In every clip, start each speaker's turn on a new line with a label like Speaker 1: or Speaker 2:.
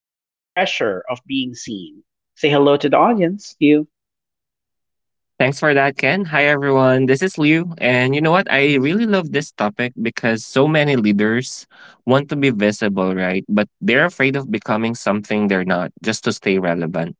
Speaker 1: and the pressure of being seen. Say hello to the audience, you.
Speaker 2: Thanks for that, Ken. Hi, everyone. This is Liu. And you know what? I really love this topic because so many leaders want to be visible, right? But they're afraid of becoming something they're not just to stay relevant.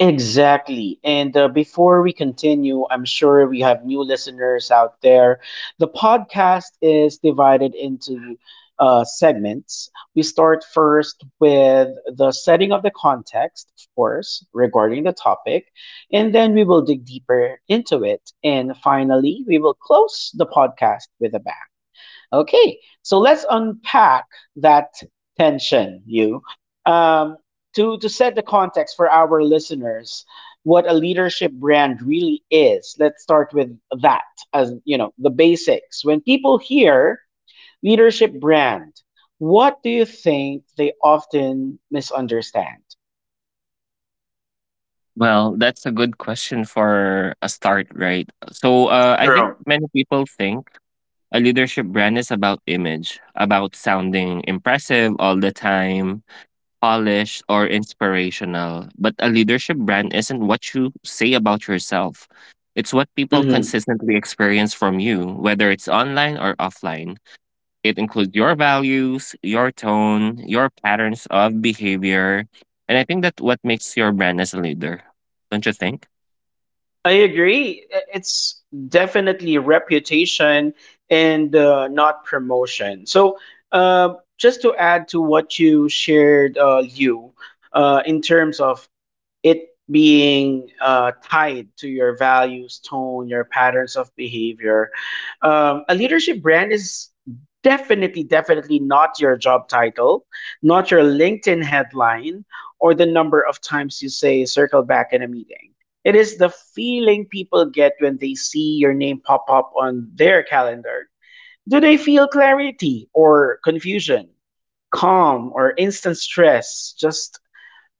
Speaker 1: Exactly. And before we continue, I'm sure we have new listeners out there. The podcast is divided into segments. We start first with the setting of the context, of course, regarding the topic, and then we will dig deeper into it. And finally, we will close the podcast with a bang. Okay, so let's unpack that tension, you. Um, to set the context for our listeners, what a leadership brand really is, let's start with that as, you know, the basics. When people hear leadership brand, what do you think they often misunderstand?
Speaker 2: Well, that's a good question for a start, right? So I think
Speaker 1: Sure.
Speaker 2: many people think a leadership brand is about image, about sounding impressive all the time, polished or inspirational, but a leadership brand isn't what you say about yourself. It's what people consistently experience from you, whether it's online or offline. It includes your values, your tone, your patterns of behavior. And I think that what makes your brand as a leader. Don't you think?
Speaker 1: I agree. It's definitely reputation and not promotion. So, just to add to what you shared, you, in terms of it being tied to your values, tone, your patterns of behavior. A leadership brand is definitely not your job title, not your LinkedIn headline, or the number of times you say circle back in a meeting. It is the feeling people get when they see your name pop up on their calendar. Do they feel clarity or confusion, calm or instant stress, just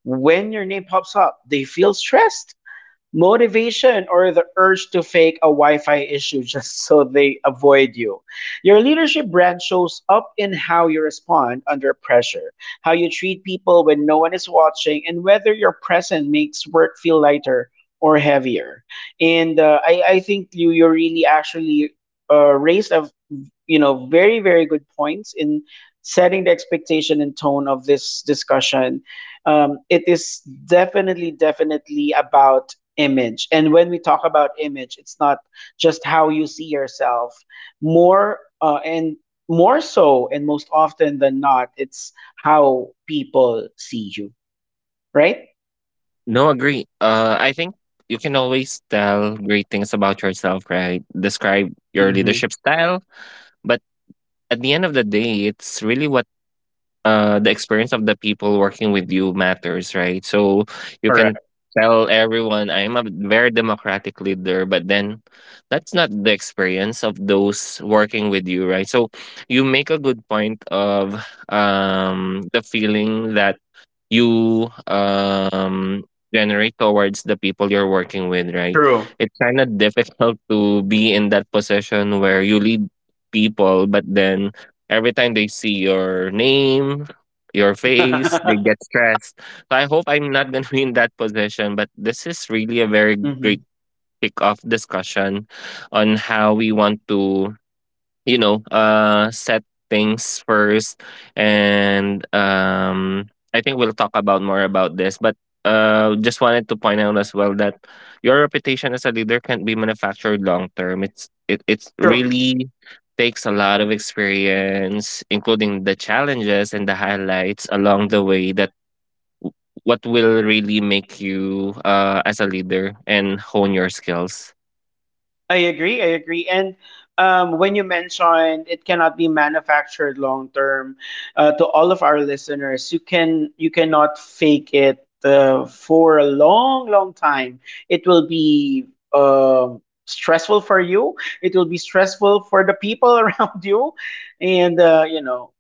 Speaker 1: when your name pops up, they feel stressed motivation or the urge to fake a Wi-Fi issue just so they avoid you. Your leadership brand shows up in how you respond under pressure, how you treat people when no one is watching, and whether your presence makes work feel lighter or heavier. And I think you really actually raised a you know very good points in setting the expectation and tone of this discussion. It is definitely about image. And when we talk about image, it's not just how you see yourself. More uh, and More so, and most often than not, it's how people see you, right?
Speaker 2: No, agree. I think you can always tell great things about yourself, right? Describe your
Speaker 1: Hmm.
Speaker 2: leadership style, but at the end of the day, it's really what the experience of the people working with you matters, right? So you can
Speaker 1: Correct.
Speaker 2: tell everyone I'm a very democratic leader, but then that's not the experience of those working with you, right? So you make a good point of the feeling that you generate towards the people you're working with, right?
Speaker 1: True.
Speaker 2: It's kind of difficult to be in that position where you lead people, but then every time they see your name, your face, they get stressed. So I hope I'm not going to be in that position, but this is really a very
Speaker 1: Hmm.
Speaker 2: great kick off discussion on how we want to set things first, and I think we'll talk about more about this, but just wanted to point out as well that your reputation as a leader can't be manufactured long term. It's
Speaker 1: True.
Speaker 2: really takes a lot of experience including the challenges and the highlights along the way that what will really make you as a leader and hone your skills.
Speaker 1: I agree. I agree. And when you mentioned it cannot be manufactured long term, to all of our listeners, you cannot fake it for a long, long time. It will be stressful for you. It will be stressful for
Speaker 2: Yeah.
Speaker 1: the people around you, and you know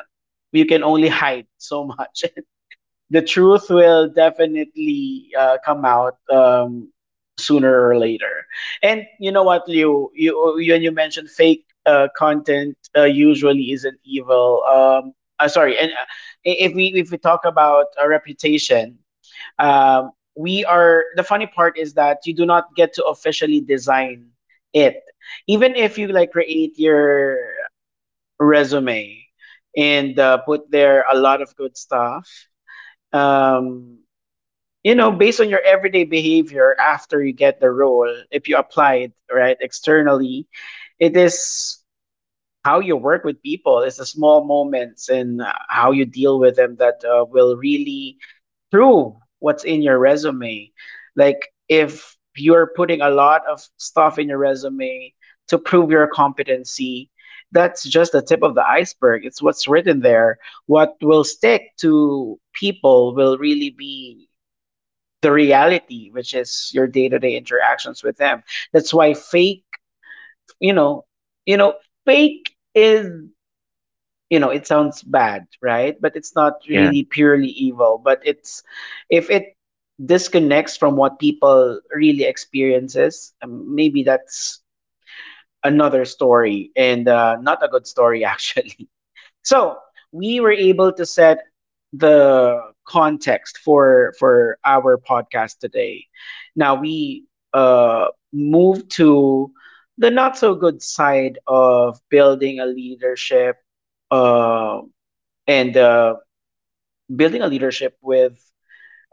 Speaker 1: you can only hide so much. The truth will definitely come out sooner or later. And you know what, Liu, when you mentioned fake content usually isn't evil. Sorry, and I- if we talk about a reputation, we are the funny part is that you do not get to officially design it, even if you like create your resume and put there a lot of good stuff. Um, you know, based on your everyday behavior after you get the role, if you apply it right externally, it is how you work with people. It's the small moments and how you deal with them that will really prove what's in your resume. Like if you're putting a lot of stuff in your resume to prove your competency, that's just the tip of the iceberg. It's what's written there. What will stick to people will really be the reality, which is your day to day interactions with them. That's why fake, you know, you know, fake is, you know, it sounds bad, right? But it's not
Speaker 2: Yep.
Speaker 1: really purely evil. But it's if it disconnects from what people really experiences, maybe that's another story and not a good story actually. So we were able to set the context for our podcast today. Now we move to the not so good side of building a leadership uh and building a leadership with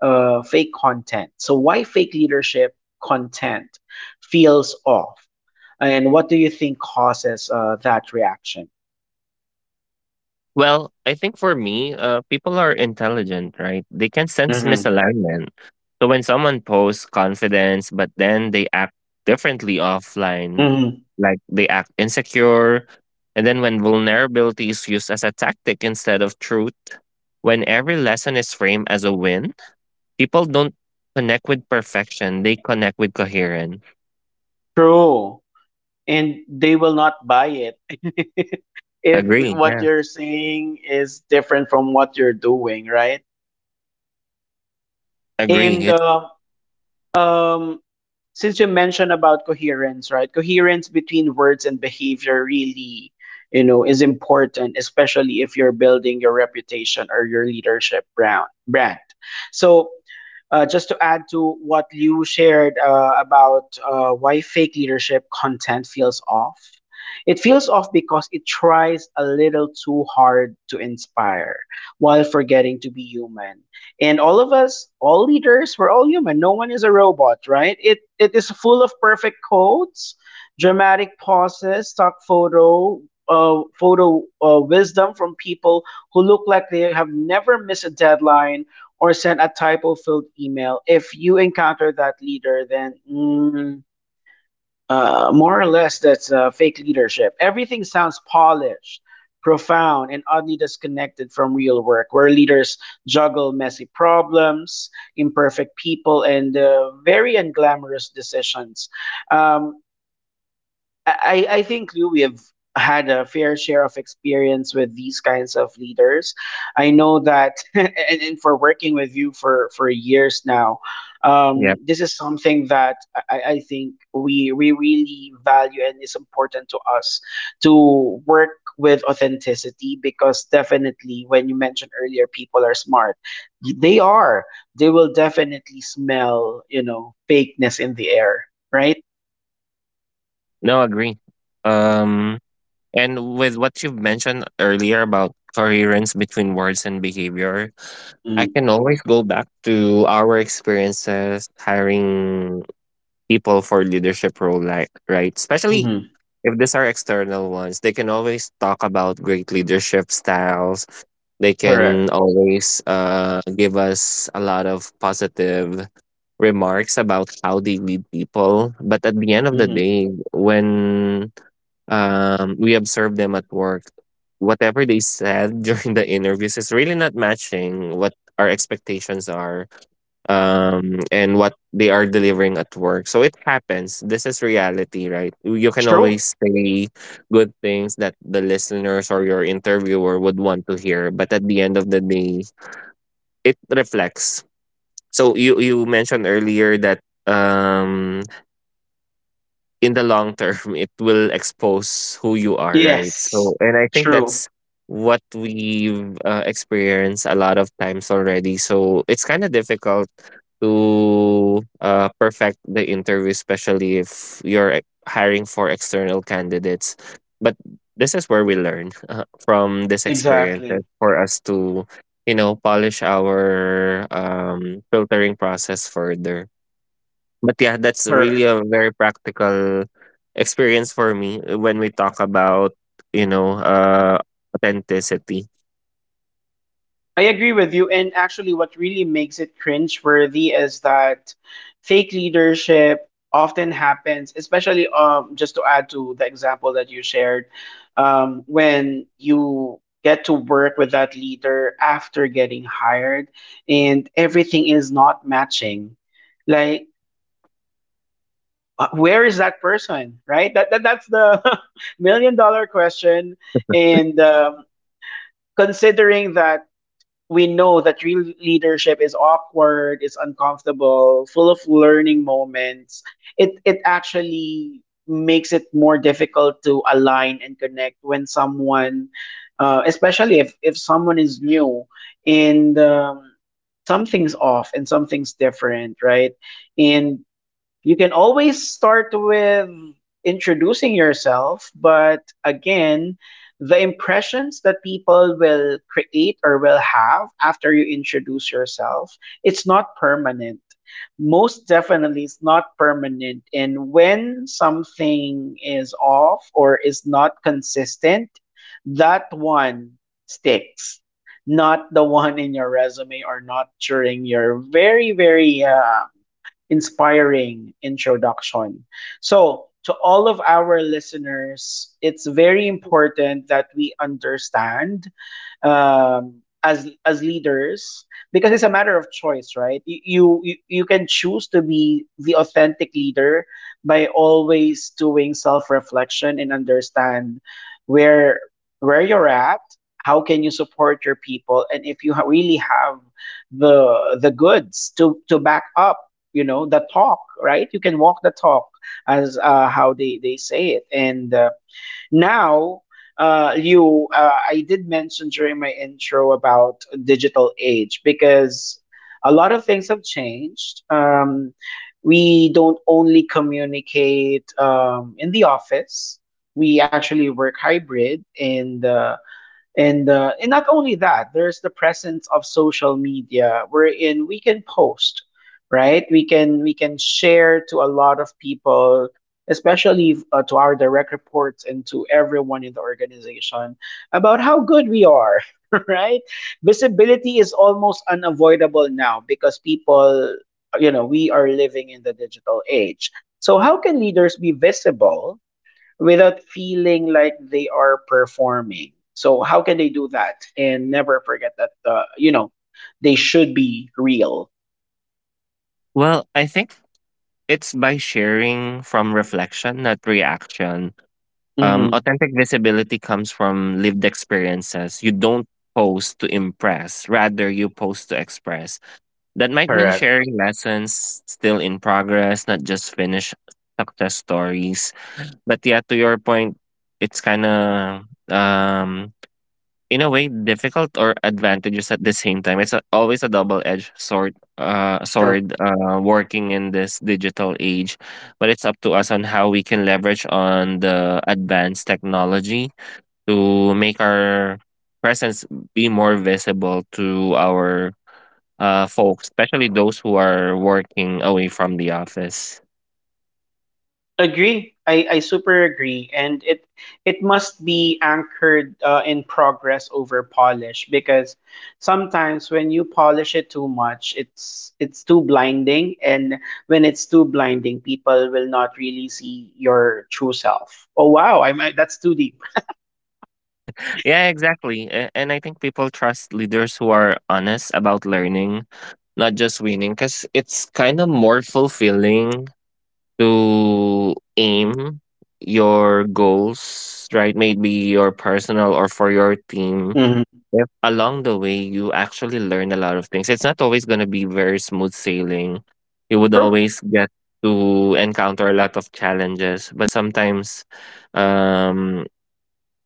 Speaker 1: fake content. So why fake leadership content feels off? And what do you think causes that reaction?
Speaker 2: Well, I think for me, people are intelligent, right? They can sense
Speaker 1: Mm-hmm.
Speaker 2: misalignment. So when someone posts confidence, but then they act differently offline,
Speaker 1: Mm-hmm.
Speaker 2: like they act insecure, and then when vulnerability is used as a tactic instead of truth, when every lesson is framed as a win, people don't connect with perfection. They connect with coherent.
Speaker 1: True. And they will not buy it if
Speaker 2: Agree.
Speaker 1: what
Speaker 2: Yeah.
Speaker 1: you're saying is different from what you're doing, right?
Speaker 2: Agree.
Speaker 1: And
Speaker 2: It,
Speaker 1: um, since you mentioned about coherence, right? Coherence between words and behavior really, you know, is
Speaker 2: yep.
Speaker 1: important, especially if you're building your reputation or your leadership brand. Brand. So, just to add to what you shared about why fake leadership content feels off, it feels off because it tries a little too hard to inspire while forgetting to be human. And all of us, all leaders, we're all human. No one is a robot, right? It is full of perfect quotes, dramatic pauses, stock photo, wisdom from people who look like they have never missed a deadline or send a typo filled email. If you encounter that leader, then more or less that's fake leadership. Everything sounds polished, profound, and oddly disconnected from real work, where leaders juggle messy problems, imperfect people, and very unglamorous decisions. Um, I think Lou, we have had a fair share of experience with these kinds of leaders. I know that, and for working with you for years now,
Speaker 2: Yep.
Speaker 1: this is something that I think we really value and is important to us to work with authenticity because definitely when you mentioned earlier people are smart, they are, they will definitely smell you know fakeness in the air, right?
Speaker 2: No, agree. Um, And with what you've mentioned earlier about coherence between words and behavior, I
Speaker 1: Mm-hmm.
Speaker 2: can always go back to our experiences hiring people for leadership role, like, right? Especially if these are external ones, they can always talk about great leadership styles. They can always give us a lot of positive remarks about how they lead people. But at the end of the
Speaker 1: Hmm.
Speaker 2: day, when we observe them at work. Whatever they said during the interviews is really not matching what our expectations are and what they are delivering at work. So it happens. This is reality, right? You can
Speaker 1: True.
Speaker 2: always say good things that the listeners or your interviewer would want to hear, but at the end of the day, it reflects. So you mentioned earlier that um in the long term it will expose who you are, right?
Speaker 1: Yes,
Speaker 2: So and I think
Speaker 1: true.
Speaker 2: that's what we've experienced a lot of times already, so it's kind of difficult to perfect the interview, especially if you're hiring for external candidates, but this is where we learn from this experience that
Speaker 1: Exactly.
Speaker 2: for us to you know polish our filtering process further. But yeah, that's really
Speaker 1: Correct.
Speaker 2: a very practical experience for me when we talk about, you know, authenticity.
Speaker 1: I agree with you. And actually, what really makes it cringe worthy is that fake leadership often happens, especially just to add to the example that you shared, when you get to work with that leader after getting hired and everything is not matching. Like,
Speaker 2: Yeah.
Speaker 1: where is that person right that's the million dollar question and considering that we know that real leadership is awkward, it's uncomfortable, full of learning moments. It actually makes it more difficult to align and connect when someone especially if someone is new and something's off and something's different, right? And you can always start with introducing yourself, but again, the impressions that people will create or will have after you introduce yourself, it's not permanent. Most definitely, it's not permanent. And when something is off or is not consistent, that one sticks. Not the one in your resume or not during your very, very inspiring introduction. So, to all of our listeners, it's very important that we understand as leaders because it's a matter of choice, right? You can choose to be the authentic leader by always doing self reflection and understand where where you're at. How can you support your people, and if you really have the goods to back up you know the talk, right? You can walk the talk as how they say it and now you I did mention during my intro about digital age
Speaker 2: Yeah.
Speaker 1: because a lot of things have changed. We don't only communicate in the office. We actually work hybrid and and not only that, there's the presence of social media wherein we can post, right? We can share to a lot of people, especially to our direct reports and to everyone in the organization about how good we are, right?
Speaker 2: Yeah.
Speaker 1: Visibility is almost unavoidable now because people, you know, we are living in the digital age. So how can leaders be visible without feeling like they are performing? So how can they do that and never forget that you know they should be real?
Speaker 2: Well, I think it's by sharing from reflection, not reaction.
Speaker 1: Hmm.
Speaker 2: Authentic visibility comes from lived experiences. You don't post to impress, rather you post to express. That might mean
Speaker 1: Correct.
Speaker 2: sharing lessons still in progress, not just finished success stories. But yeah, to your point, it's kind of um in a way difficult or advantages at the same time. It's a, always a double-edged sword. Uh,
Speaker 1: True.
Speaker 2: sword. Uh, working in this digital age, but it's up to us on how we can leverage on the advanced technology to make our presence be more visible to our folks, especially those who are working away from the office.
Speaker 1: Agree. I super agree, and it must be anchored in progress over polish because sometimes when you polish it too much, it's too blinding, and when it's too blinding, people will not really see your true self. Oh wow, I might that's too deep.
Speaker 2: Yeah, exactly. And I think people trust leaders who are honest about learning, not just winning, because it's kind of more fulfilling to aim your goals, right? Maybe your personal or for your team.
Speaker 1: Hmm.
Speaker 2: If along the way you actually learn a lot of things, it's not always going to be very smooth sailing. You would always get to encounter a lot of challenges, but sometimes um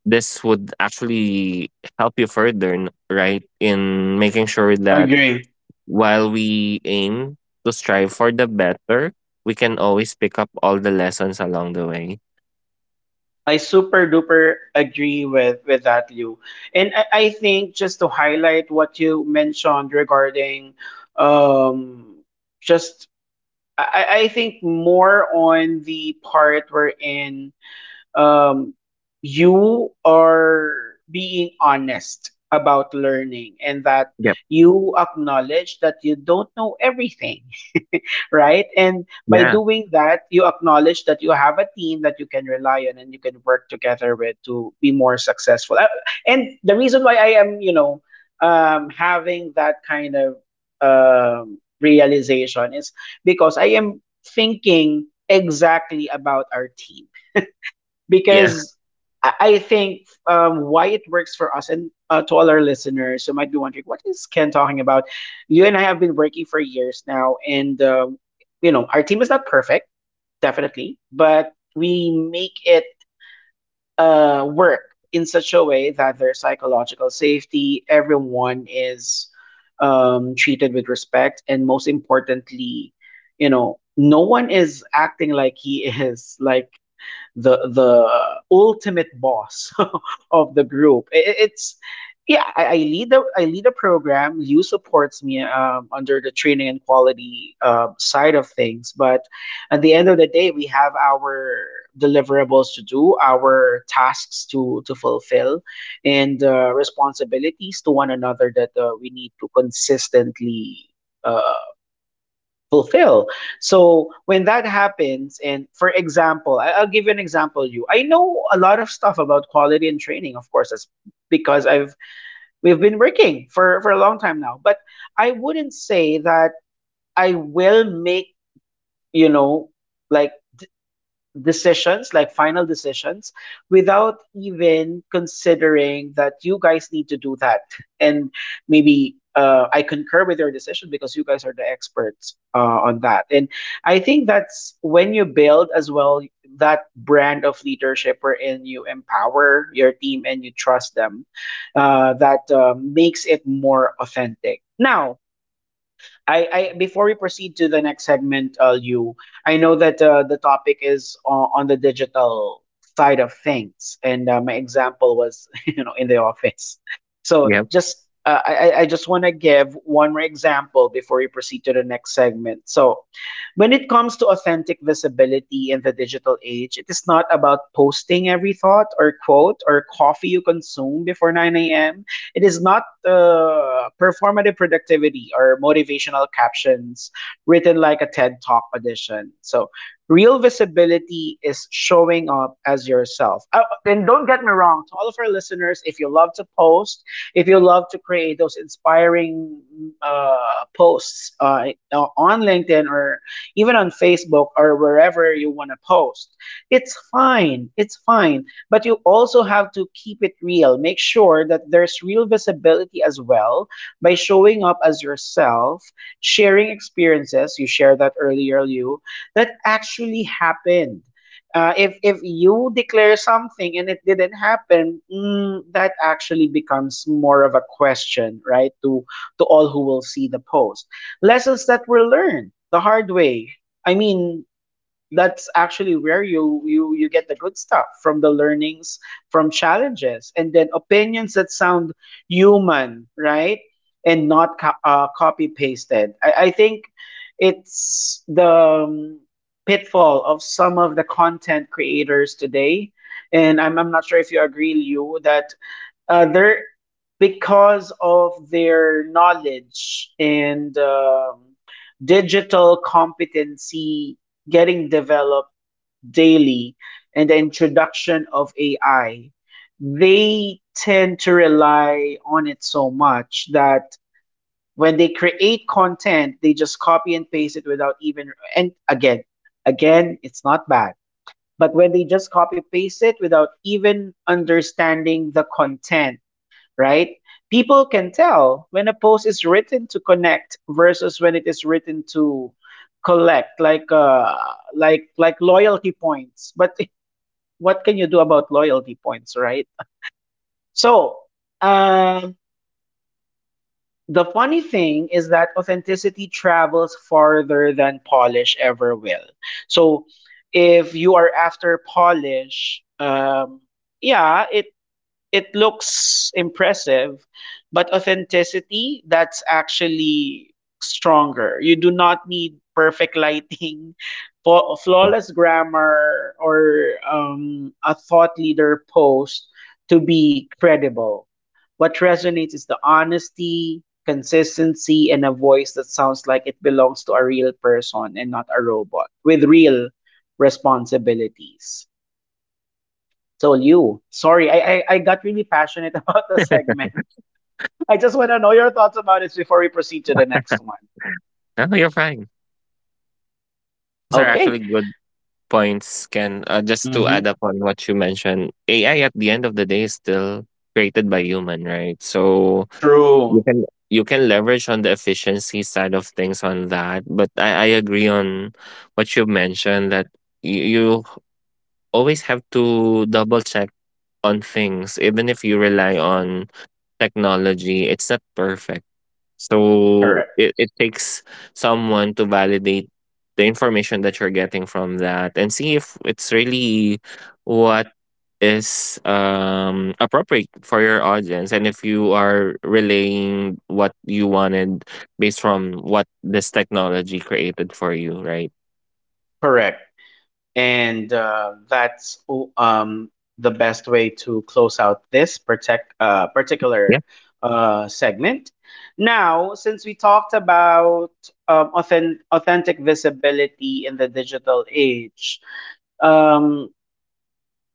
Speaker 2: this would actually help you further right in making sure that
Speaker 1: Agree.
Speaker 2: while we aim to strive for the better, we can always pick up all the lessons along the way.
Speaker 1: I super duper agree with that, Liu. And I think just to highlight what you mentioned regarding um just I think more on the part wherein um you are being honest about learning and that
Speaker 2: Yep.
Speaker 1: you acknowledge that you don't know everything, right? And by
Speaker 2: Yeah.
Speaker 1: doing that, you acknowledge that you have a team that you can rely on and you can work together with to be more successful. And the reason why I am, having that kind of realization is because I am thinking exactly about our team
Speaker 2: Yeah.
Speaker 1: because I think why it works for us and, to all our listeners who might be wondering, what is Ken talking about? You and I have been working for years now, and, you know, our team is not perfect, definitely, but we make it work in such a way that there's psychological safety. Everyone is treated with respect, and most importantly, you know, no one is acting like he is like the ultimate boss of the group. It's yeah, I lead the I lead a program. You supports me under the training and quality, uh, side of things, but at the end of the day, we have our deliverables to do, our tasks to fulfill, and, responsibilities to one another that, we need to consistently. Uh, fulfill. So when that happens, and for example, I'll give you an example. You, I know a lot of stuff about quality and training, of course, that's because I've we've been working for a long time now.
Speaker 2: Yep.
Speaker 1: But I wouldn't say that I will make, you know like decisions, like final decisions, without even considering that you guys need to do that. And maybe, I concur with your decision because you guys are the experts, on that. And I think that's when you build as well that brand of leadership wherein you empower your team and you trust them, that, makes it more authentic. Now, I, before we proceed to the next segment, I know that, the topic is, on the digital side of things, and, my example was, you know, in the office. So
Speaker 2: Yep.
Speaker 1: just, I just want to give one more example before we proceed to the next segment. So, when it comes to authentic visibility in the digital age, it is not about posting every thought or quote or coffee you consume before 9 a.m. It is not, performative productivity or motivational captions written like a TED Talk edition. So real visibility is showing up as yourself. And don't get me wrong, to all of our listeners, if you love to post, if you love to create those inspiring, posts, on LinkedIn or even on Facebook or wherever you want to post, it's fine. It's fine, but you also have to keep it real. Make sure that there's real visibility as well by showing up as yourself, sharing experiences. You shared that earlier, you that actually happened. If you declare something and it didn't happen, that actually becomes more of a question, right? To all who will see the post. Lessons that were learned the hard way. I mean, that's actually where you get the good stuff from the learnings from challenges and then opinions that sound human, right, and not copy pasted. I think it's the, um, pitfall of some of the content creators today, and I'm not sure if you agree, Liu, that, they're, because of their knowledge and, digital competency getting developed daily and the introduction of AI, they tend to rely on it so much that when they create content, they just copy and paste it without even, and again, again, it's not bad. But when they just copy paste it without even understanding the content, right? People can tell when a post is written to connect versus when it is written to collect, like, loyalty points. But what can you do about loyalty points, right? So, um, the funny thing is that authenticity travels farther than polish ever will. So if you are after polish, yeah, it looks impressive, but authenticity, that's actually stronger. You do not need perfect lighting,
Speaker 2: Yeah.
Speaker 1: flawless grammar, or, a thought leader post to be credible. What resonates is the honesty, consistency, and a voice that sounds like it belongs to a real person and not a robot with real responsibilities. So Liu, sorry, I got really passionate about the segment. I just want to know your thoughts about it before we proceed to the next one.
Speaker 2: No, you're fine. Those are actually
Speaker 1: Okay.
Speaker 2: good points, Can Just to
Speaker 1: Hmm.
Speaker 2: add up on what you mentioned, AI at the end of the day is still created by human, right? So you
Speaker 1: True.
Speaker 2: can you can leverage on the efficiency side of things on that, but I agree on what you mentioned that you always have to double check on things even if you rely on technology. It's not perfect, so
Speaker 1: Correct.
Speaker 2: it takes someone to validate the information that you're getting from that and see if it's really what is appropriate for your audience and if you are relaying what you wanted based from what this technology created for you, right?
Speaker 1: Correct. And, that's, um the best way to close out this protect
Speaker 2: Yeah,
Speaker 1: particular, segment. Now, since we talked about, authentic visibility in the digital age, um,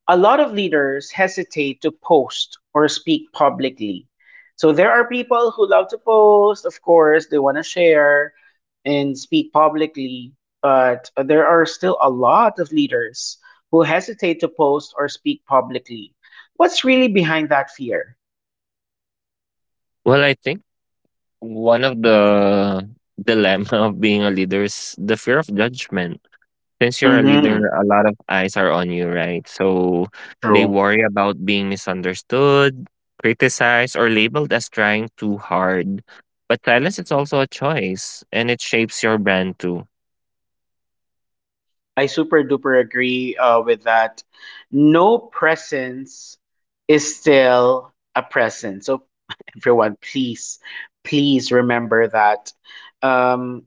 Speaker 1: a lot of leaders hesitate to post or speak publicly. So there are people who love to post, of course, they want to share and speak publicly, but there are still a lot of leaders who hesitate to post or speak publicly. What's really behind that fear?
Speaker 2: well I think one of the dilemma of being a leader is the fear of judgment. Since you're a leader,
Speaker 1: Mm-hmm.
Speaker 2: a lot of eyes are on you, right? So they
Speaker 1: True.
Speaker 2: worry about being misunderstood, criticized, or labeled as trying too hard, but silence is also a choice and it shapes your brand too.
Speaker 1: I super duper agree, with that. No presence is still a presence. So everyone, please, please remember that. Um,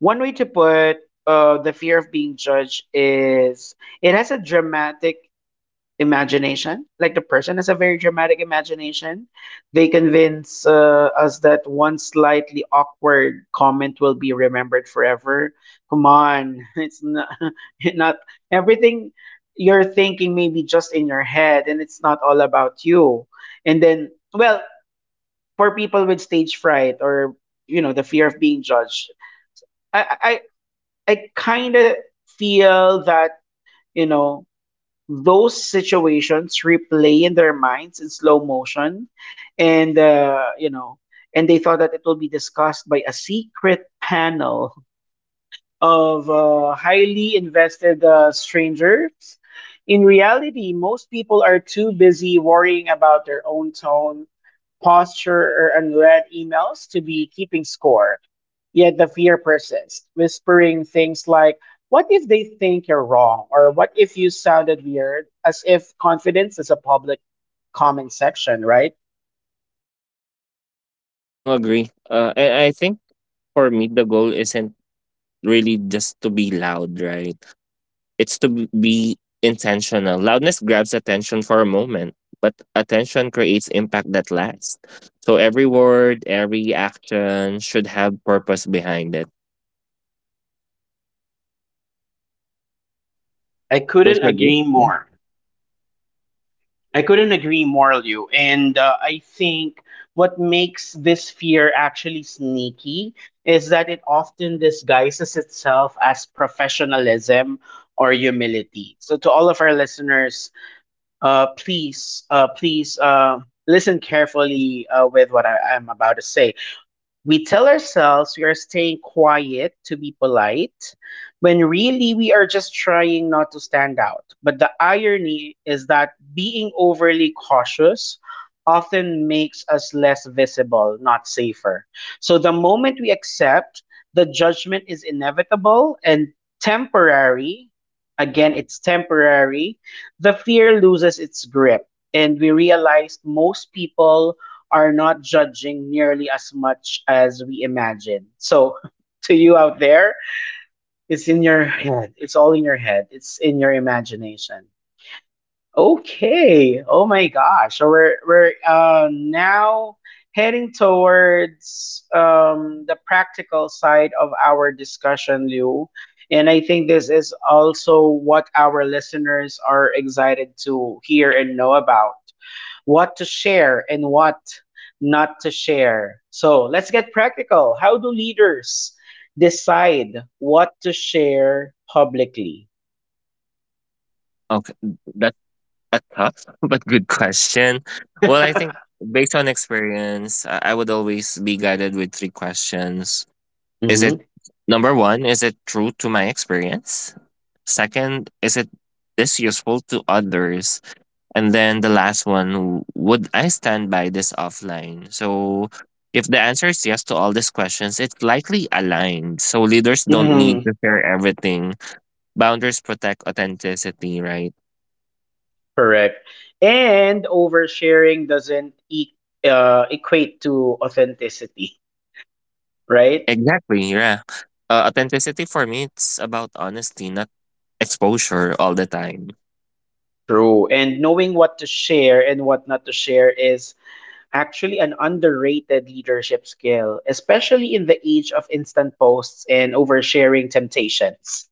Speaker 1: one way to put, the fear of being judged is it has a dramatic imagination. Like the person has a very dramatic imagination. They convince, us that one slightly awkward comment will be remembered forever. Come on, it's not, not everything you're thinking, maybe just in your head, and it's not all about you. And then, well, for people with stage fright or, you know, the fear of being judged, i I kind of feel that, you know, those situations replay in their minds in slow motion and, you know, and they thought that it will be discussed by a secret panel of, highly invested, strangers. In reality, most people are too busy worrying about their own tone, posture, or unread emails to be keeping score. Yet the fear persists, whispering things like, what if they think you're wrong? Or what if you sounded weird? As if confidence is a public comment section, right?
Speaker 2: No, agree. I think for me, the goal isn't really just to be loud, right? It's to be intentional. Loudness grabs attention for a moment, but attention creates impact that lasts. So every word, every action should have purpose behind it.
Speaker 1: I
Speaker 2: Don't
Speaker 1: couldn't
Speaker 2: you agree?
Speaker 1: agree
Speaker 2: Yeah.
Speaker 1: more. I couldn't agree more, Liu. And, I think what makes this fear actually sneaky is that it often disguises itself as professionalism or
Speaker 2: Yeah.
Speaker 1: humility. So, to all of our listeners, please, listen carefully, with what I am about to say. We tell ourselves we are staying quiet to be polite, when really we are just trying not to stand out. But the irony is that being overly cautious often makes us less visible, not safer. So the moment we accept the judgment is inevitable and temporary, again, it's temporary, the fear loses its grip. And we realize most people are not judging nearly as much as we imagine. So, to you out there, it's in your head. It's all in your head. It's in your imagination. Okay. Oh my gosh. So we're now heading towards, the practical side of our discussion, Liu. And I think this is also what our listeners are excited to hear and know about what to share and what not to share. So let's get practical. How do leaders decide what to share publicly?
Speaker 2: Okay. That's a tough but good question. Well, I think based on experience, I would always be guided with three questions. Is
Speaker 1: Hmm.
Speaker 2: it Number one, is it true to my experience? Second, is it this useful to others? And then the last one, would I stand by this offline? So, if the answer is yes to all these questions, it's likely aligned. So, leaders don't need
Speaker 1: Hmm.
Speaker 2: to share everything. Boundaries protect authenticity, right?
Speaker 1: Correct. And oversharing doesn't equate to authenticity, right?
Speaker 2: Exactly, yeah. Authenticity for me, it's about honesty, not exposure all the time.
Speaker 1: True. And knowing what to share and what not to share is actually an underrated leadership skill, especially in the age of instant posts and oversharing temptations,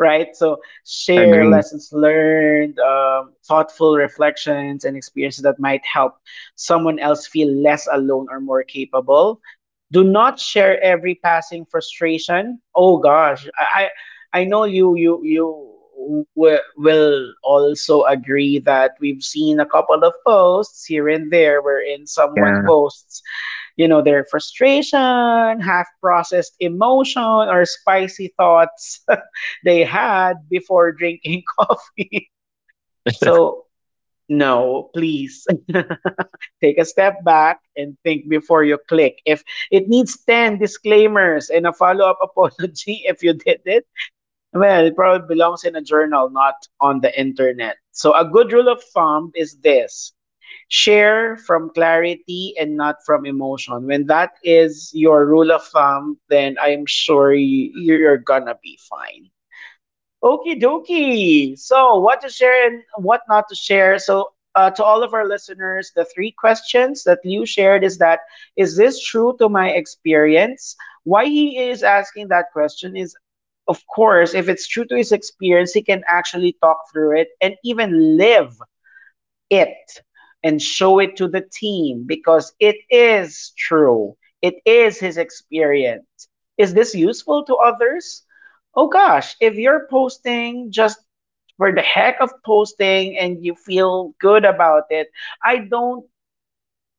Speaker 1: right? So share
Speaker 2: Agree,
Speaker 1: lessons learned, thoughtful reflections, and experiences that might help someone else feel less alone or more capable. Do not share every passing frustration. Oh gosh, I know you will also agree that we've seen a couple of posts here and there wherein someone
Speaker 2: yeah.
Speaker 1: posts, you know, their frustration, half processed emotion, or spicy thoughts they had before drinking coffee. So, no, please take a step back and think before you click. If it needs 10 disclaimers and a follow up apology if you did it, well, it probably belongs in a journal, not on the internet. So, a good rule of thumb is this: share from clarity and not from emotion. When that is your rule of thumb, then I'm sure you, you're gonna be fine. Okie dokie. So, what to share and what not to share. So, to all of our listeners, the three questions that Liu shared is that, is this true to my experience? Why he is asking that question is, of course, if it's true to his experience, he can actually talk through it and even live it and show it to the team because it is true. It is his experience. Is this useful to others? Oh gosh, if you're posting just for the heck of posting and you feel good about it, I don't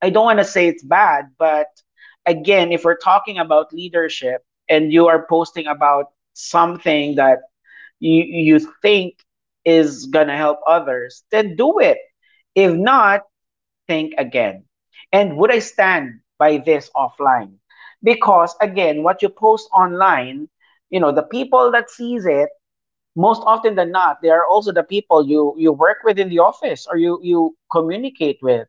Speaker 1: I don't want to say it's bad, but again, if we're talking about leadership and you are posting about something that you think is going to help others, then do it. If not, think again. And would I stand by this offline? Because again, what you post online, the people that sees it, most often than not, they are also the people you work with in the office or you communicate with.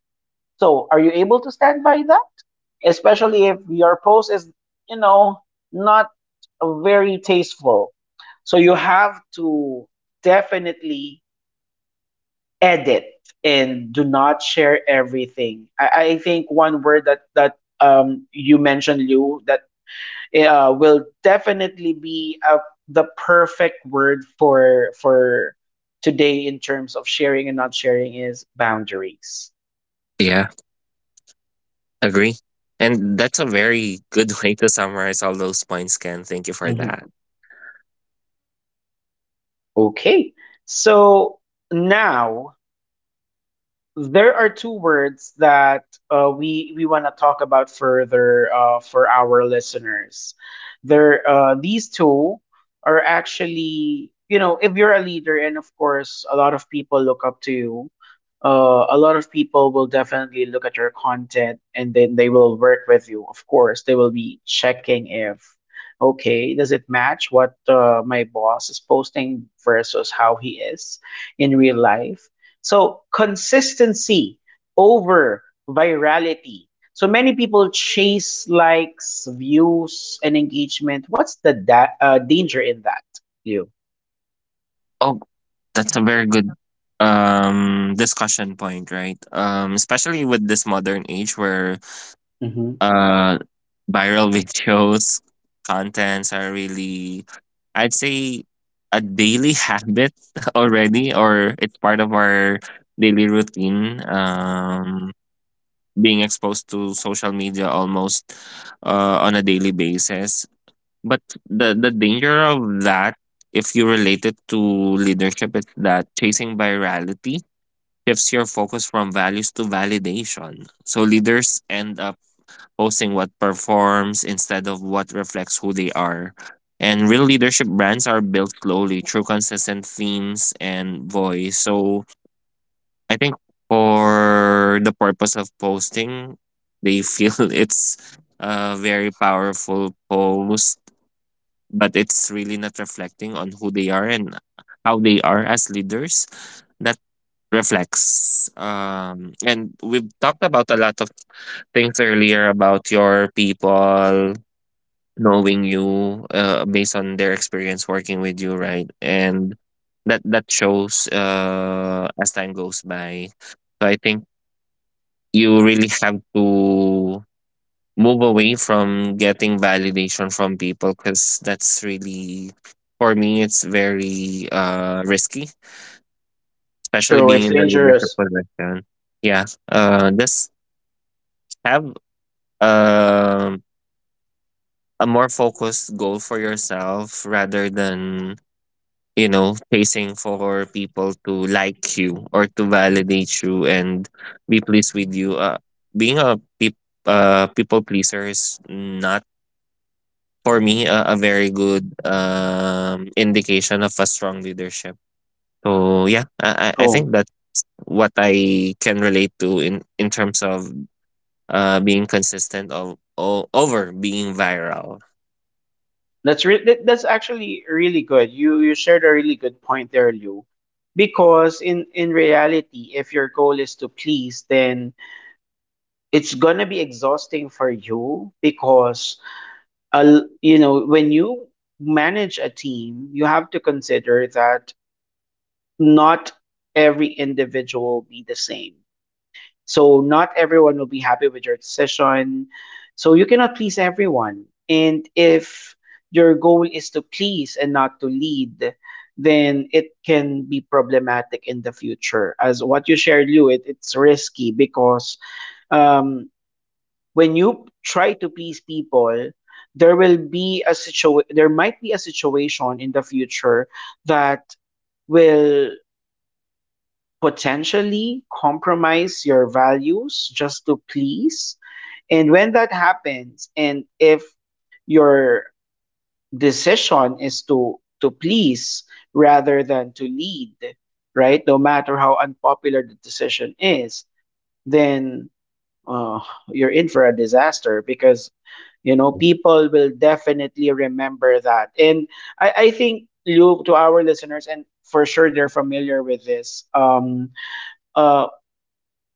Speaker 1: So, are you able to stand by that? Especially if your post is, you know, not very tasteful. So you have to definitely edit and do not share everything. I think one word that you mentioned, Lou, that will definitely be the perfect word for today in terms of sharing and not sharing is boundaries.
Speaker 2: Yeah. Agree. And that's a very good way to summarize all those points, Ken. Thank you for
Speaker 1: Mhm.
Speaker 2: that.
Speaker 1: Okay, so now there are two words that we want to talk about further for our listeners. There, these two are actually, you know, if you're a leader, and of course, a lot of people look up to you. A lot of people will definitely look at your content, and then they will work with you. Of course, they will be checking if, okay, does it match what my boss is posting versus how he is in real life? So consistency over virality. So many people chase likes, views, and engagement. What's the danger in that? You.
Speaker 2: Oh, that's a very good discussion point, right? Especially with this modern age where
Speaker 1: hmm
Speaker 2: uh viral videos, contents are really I'd say a daily habit already, or it's part of our daily routine. Being exposed to social media almost on a daily basis. But the danger of that, if you relate it to leadership, is that chasing virality shifts your focus from values to validation. So leaders end up posting what performs instead of what reflects who they are. And real leadership brands are built slowly through consistent themes and voice. So I think for the purpose of posting, they feel it's a very powerful post, but it's really not reflecting on who they are and how they are as leaders that reflects. And we've talked about a lot of things earlier about your people knowing you based on their experience working with you, right? And that shows as time goes by. So I think you really have to move away from getting validation from people, because that's really for me it's very risky, especially
Speaker 1: True,
Speaker 2: being
Speaker 1: it's
Speaker 2: in the leadership
Speaker 1: dangerous.
Speaker 2: position. Yeah. Just have um a more focused goal for yourself rather than you know chasing for people to like you or to validate you and be pleased with you. Being a people pleaser is not for me a very good indication of a strong leadership. So yeah, I think
Speaker 1: True.
Speaker 2: that's what I can relate to in terms of being consistent over being viral.
Speaker 1: That's actually really good. You shared a really good point there, Liu. Because in reality, if your goal is to please, then it's gonna be exhausting for you because a, you know when you manage a team you have to consider that not every individual will be the same, so not everyone will be happy with your decision, so you cannot please everyone, and if your goal is to please and not to lead, then it can be problematic in the future as what you shared. It's risky because um, when you try to please people, there will be a there might be a situation in the future that will potentially compromise your values just to please. And when that happens, and if your decision is to please rather than to lead, right? No matter how unpopular the decision is, then uh, you're in for a disaster because you know
Speaker 2: Yeah.
Speaker 1: people will definitely remember that. And I think Luke, to our listeners and for sure they're familiar with this uh,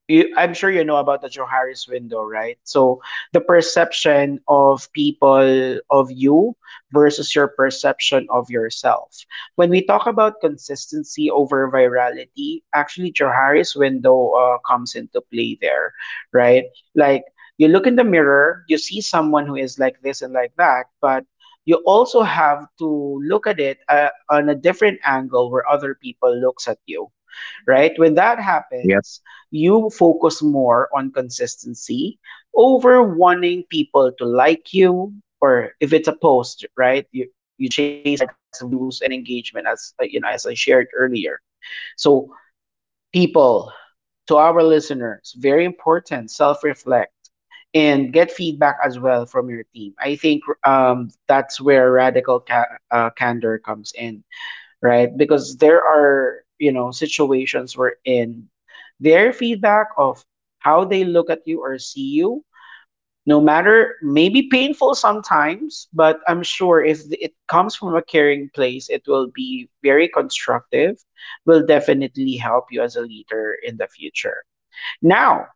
Speaker 1: you, I'm sure you know about the Johari's window, right? So the perception of people of you versus your perception of yourself. When we talk about consistency over virality, actually Johari's window comes into play there, right? Like you look in the mirror, you see someone who is like this and like that, but you also have to look at it on a different angle where other people looks at you, right? When that
Speaker 2: Yep.
Speaker 1: happens, you focus more on consistency over wanting people to like you, or if it's a post, right? You chase likes, views, and engagement as as I shared earlier. So people, to our listeners, very important, self-reflect and get feedback as well from your team. I think that's where radical candor comes in, right? Because there are, you know, situations where in their feedback of how they look at you or see you, no matter maybe painful sometimes, but I'm sure if it comes from a caring place, it will be very constructive, will definitely help you as a leader in the future. Now,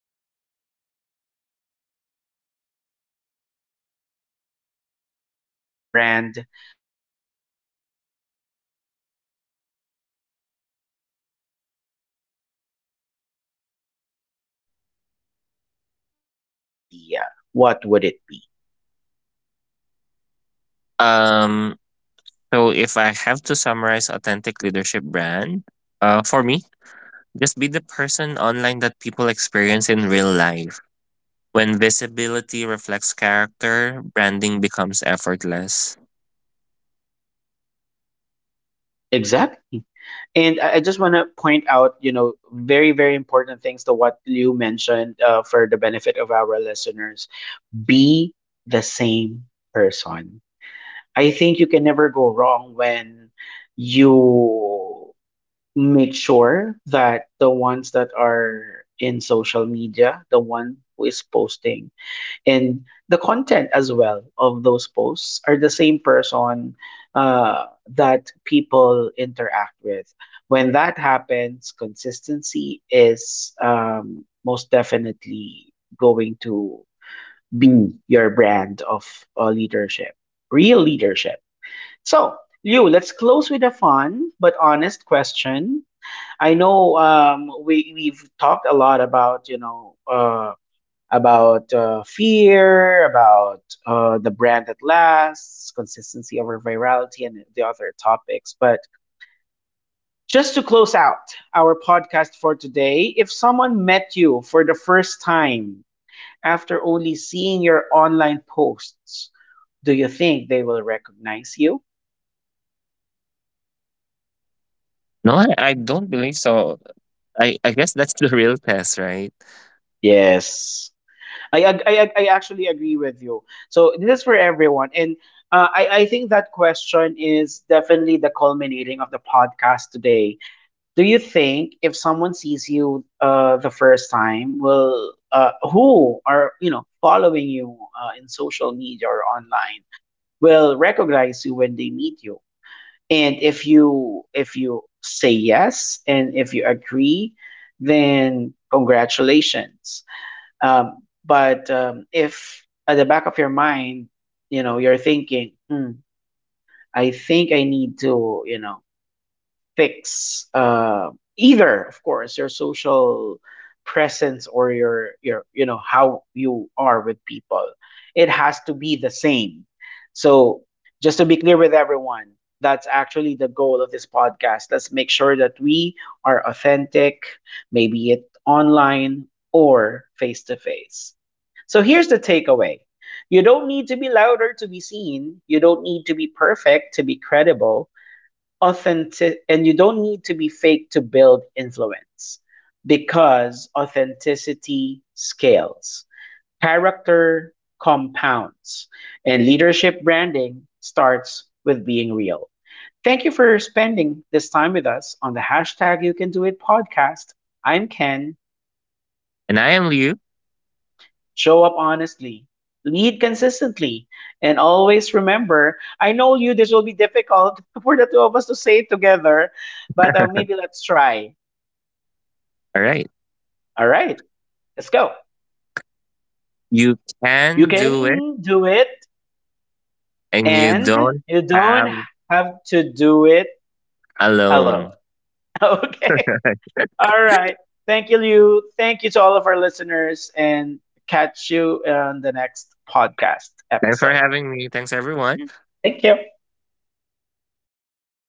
Speaker 1: we are actually at the tail end of our discussion, Liu, and our last segment is about building a brand that lasts. So I just have one question for that, Liu. If you had to summarize authentic leadership branding in one idea, what would it be?
Speaker 2: um so if I have to summarize authentic leadership brand, for me, just be the person online that people experience in real life. When visibility reflects character, branding becomes effortless.
Speaker 1: Exactly. And I just want to point out, you know, very, very important things to what Liu mentioned for the benefit of our listeners. Be the same person. I think you can never go wrong when you make sure that the ones that are in social media, the one who is posting, and the content as well of those posts are the same person uh, that people interact with. When that happens, consistency is most definitely going to be your brand of leadership, real leadership. So, Liu, let's close with a fun but honest question. I know we've talked a lot about about fear, about the brand that lasts, consistency over virality, and the other topics. But just to close out our podcast for today, if someone met you for the first time after only seeing your online posts, do you think they will recognize you?
Speaker 2: No, I don't believe so. I guess that's the real test, right?
Speaker 1: Yes. I actually agree with you. So this is for everyone. And I think that question is definitely the culminating of the podcast today. Do you think if someone sees you the first time, will who are you know following you in social media or online will recognize you when they meet you? And if you say yes and if you agree, then congratulations. But if at the back of your mind, you know, you're thinking, hmm, I think I need to, you know, fix either, of course, your social presence or you know how you are with people. It has to be the same. So just to be clear with everyone, that's actually the goal of this podcast. Let's make sure that we are authentic, maybe it online or face to face. So here's the takeaway. You don't need to be louder to be seen. You don't need to be perfect to be credible authentic, and you don't need to be fake to build influence, because authenticity scales, character compounds, and leadership branding starts with being real. Thank you for spending this time with us on the hashtag you can do it podcast. I'm Ken.
Speaker 2: And I am Liu.
Speaker 1: Show up honestly, lead consistently, and always remember, I know you this will be difficult for the two of us to say it together, but maybe let's try.
Speaker 2: All right.
Speaker 1: All right, let's go.
Speaker 2: You
Speaker 1: You
Speaker 2: can do it,
Speaker 1: can do it
Speaker 2: and you
Speaker 1: and
Speaker 2: don't
Speaker 1: you don't
Speaker 2: have
Speaker 1: have to do it alone.
Speaker 2: alone.
Speaker 1: Okay. All right. Thank you, Liu. Thank you to all of our listeners and catch you on the next podcast
Speaker 2: Thanks for
Speaker 1: episode.
Speaker 2: having me. Thanks, everyone.
Speaker 1: Thank you.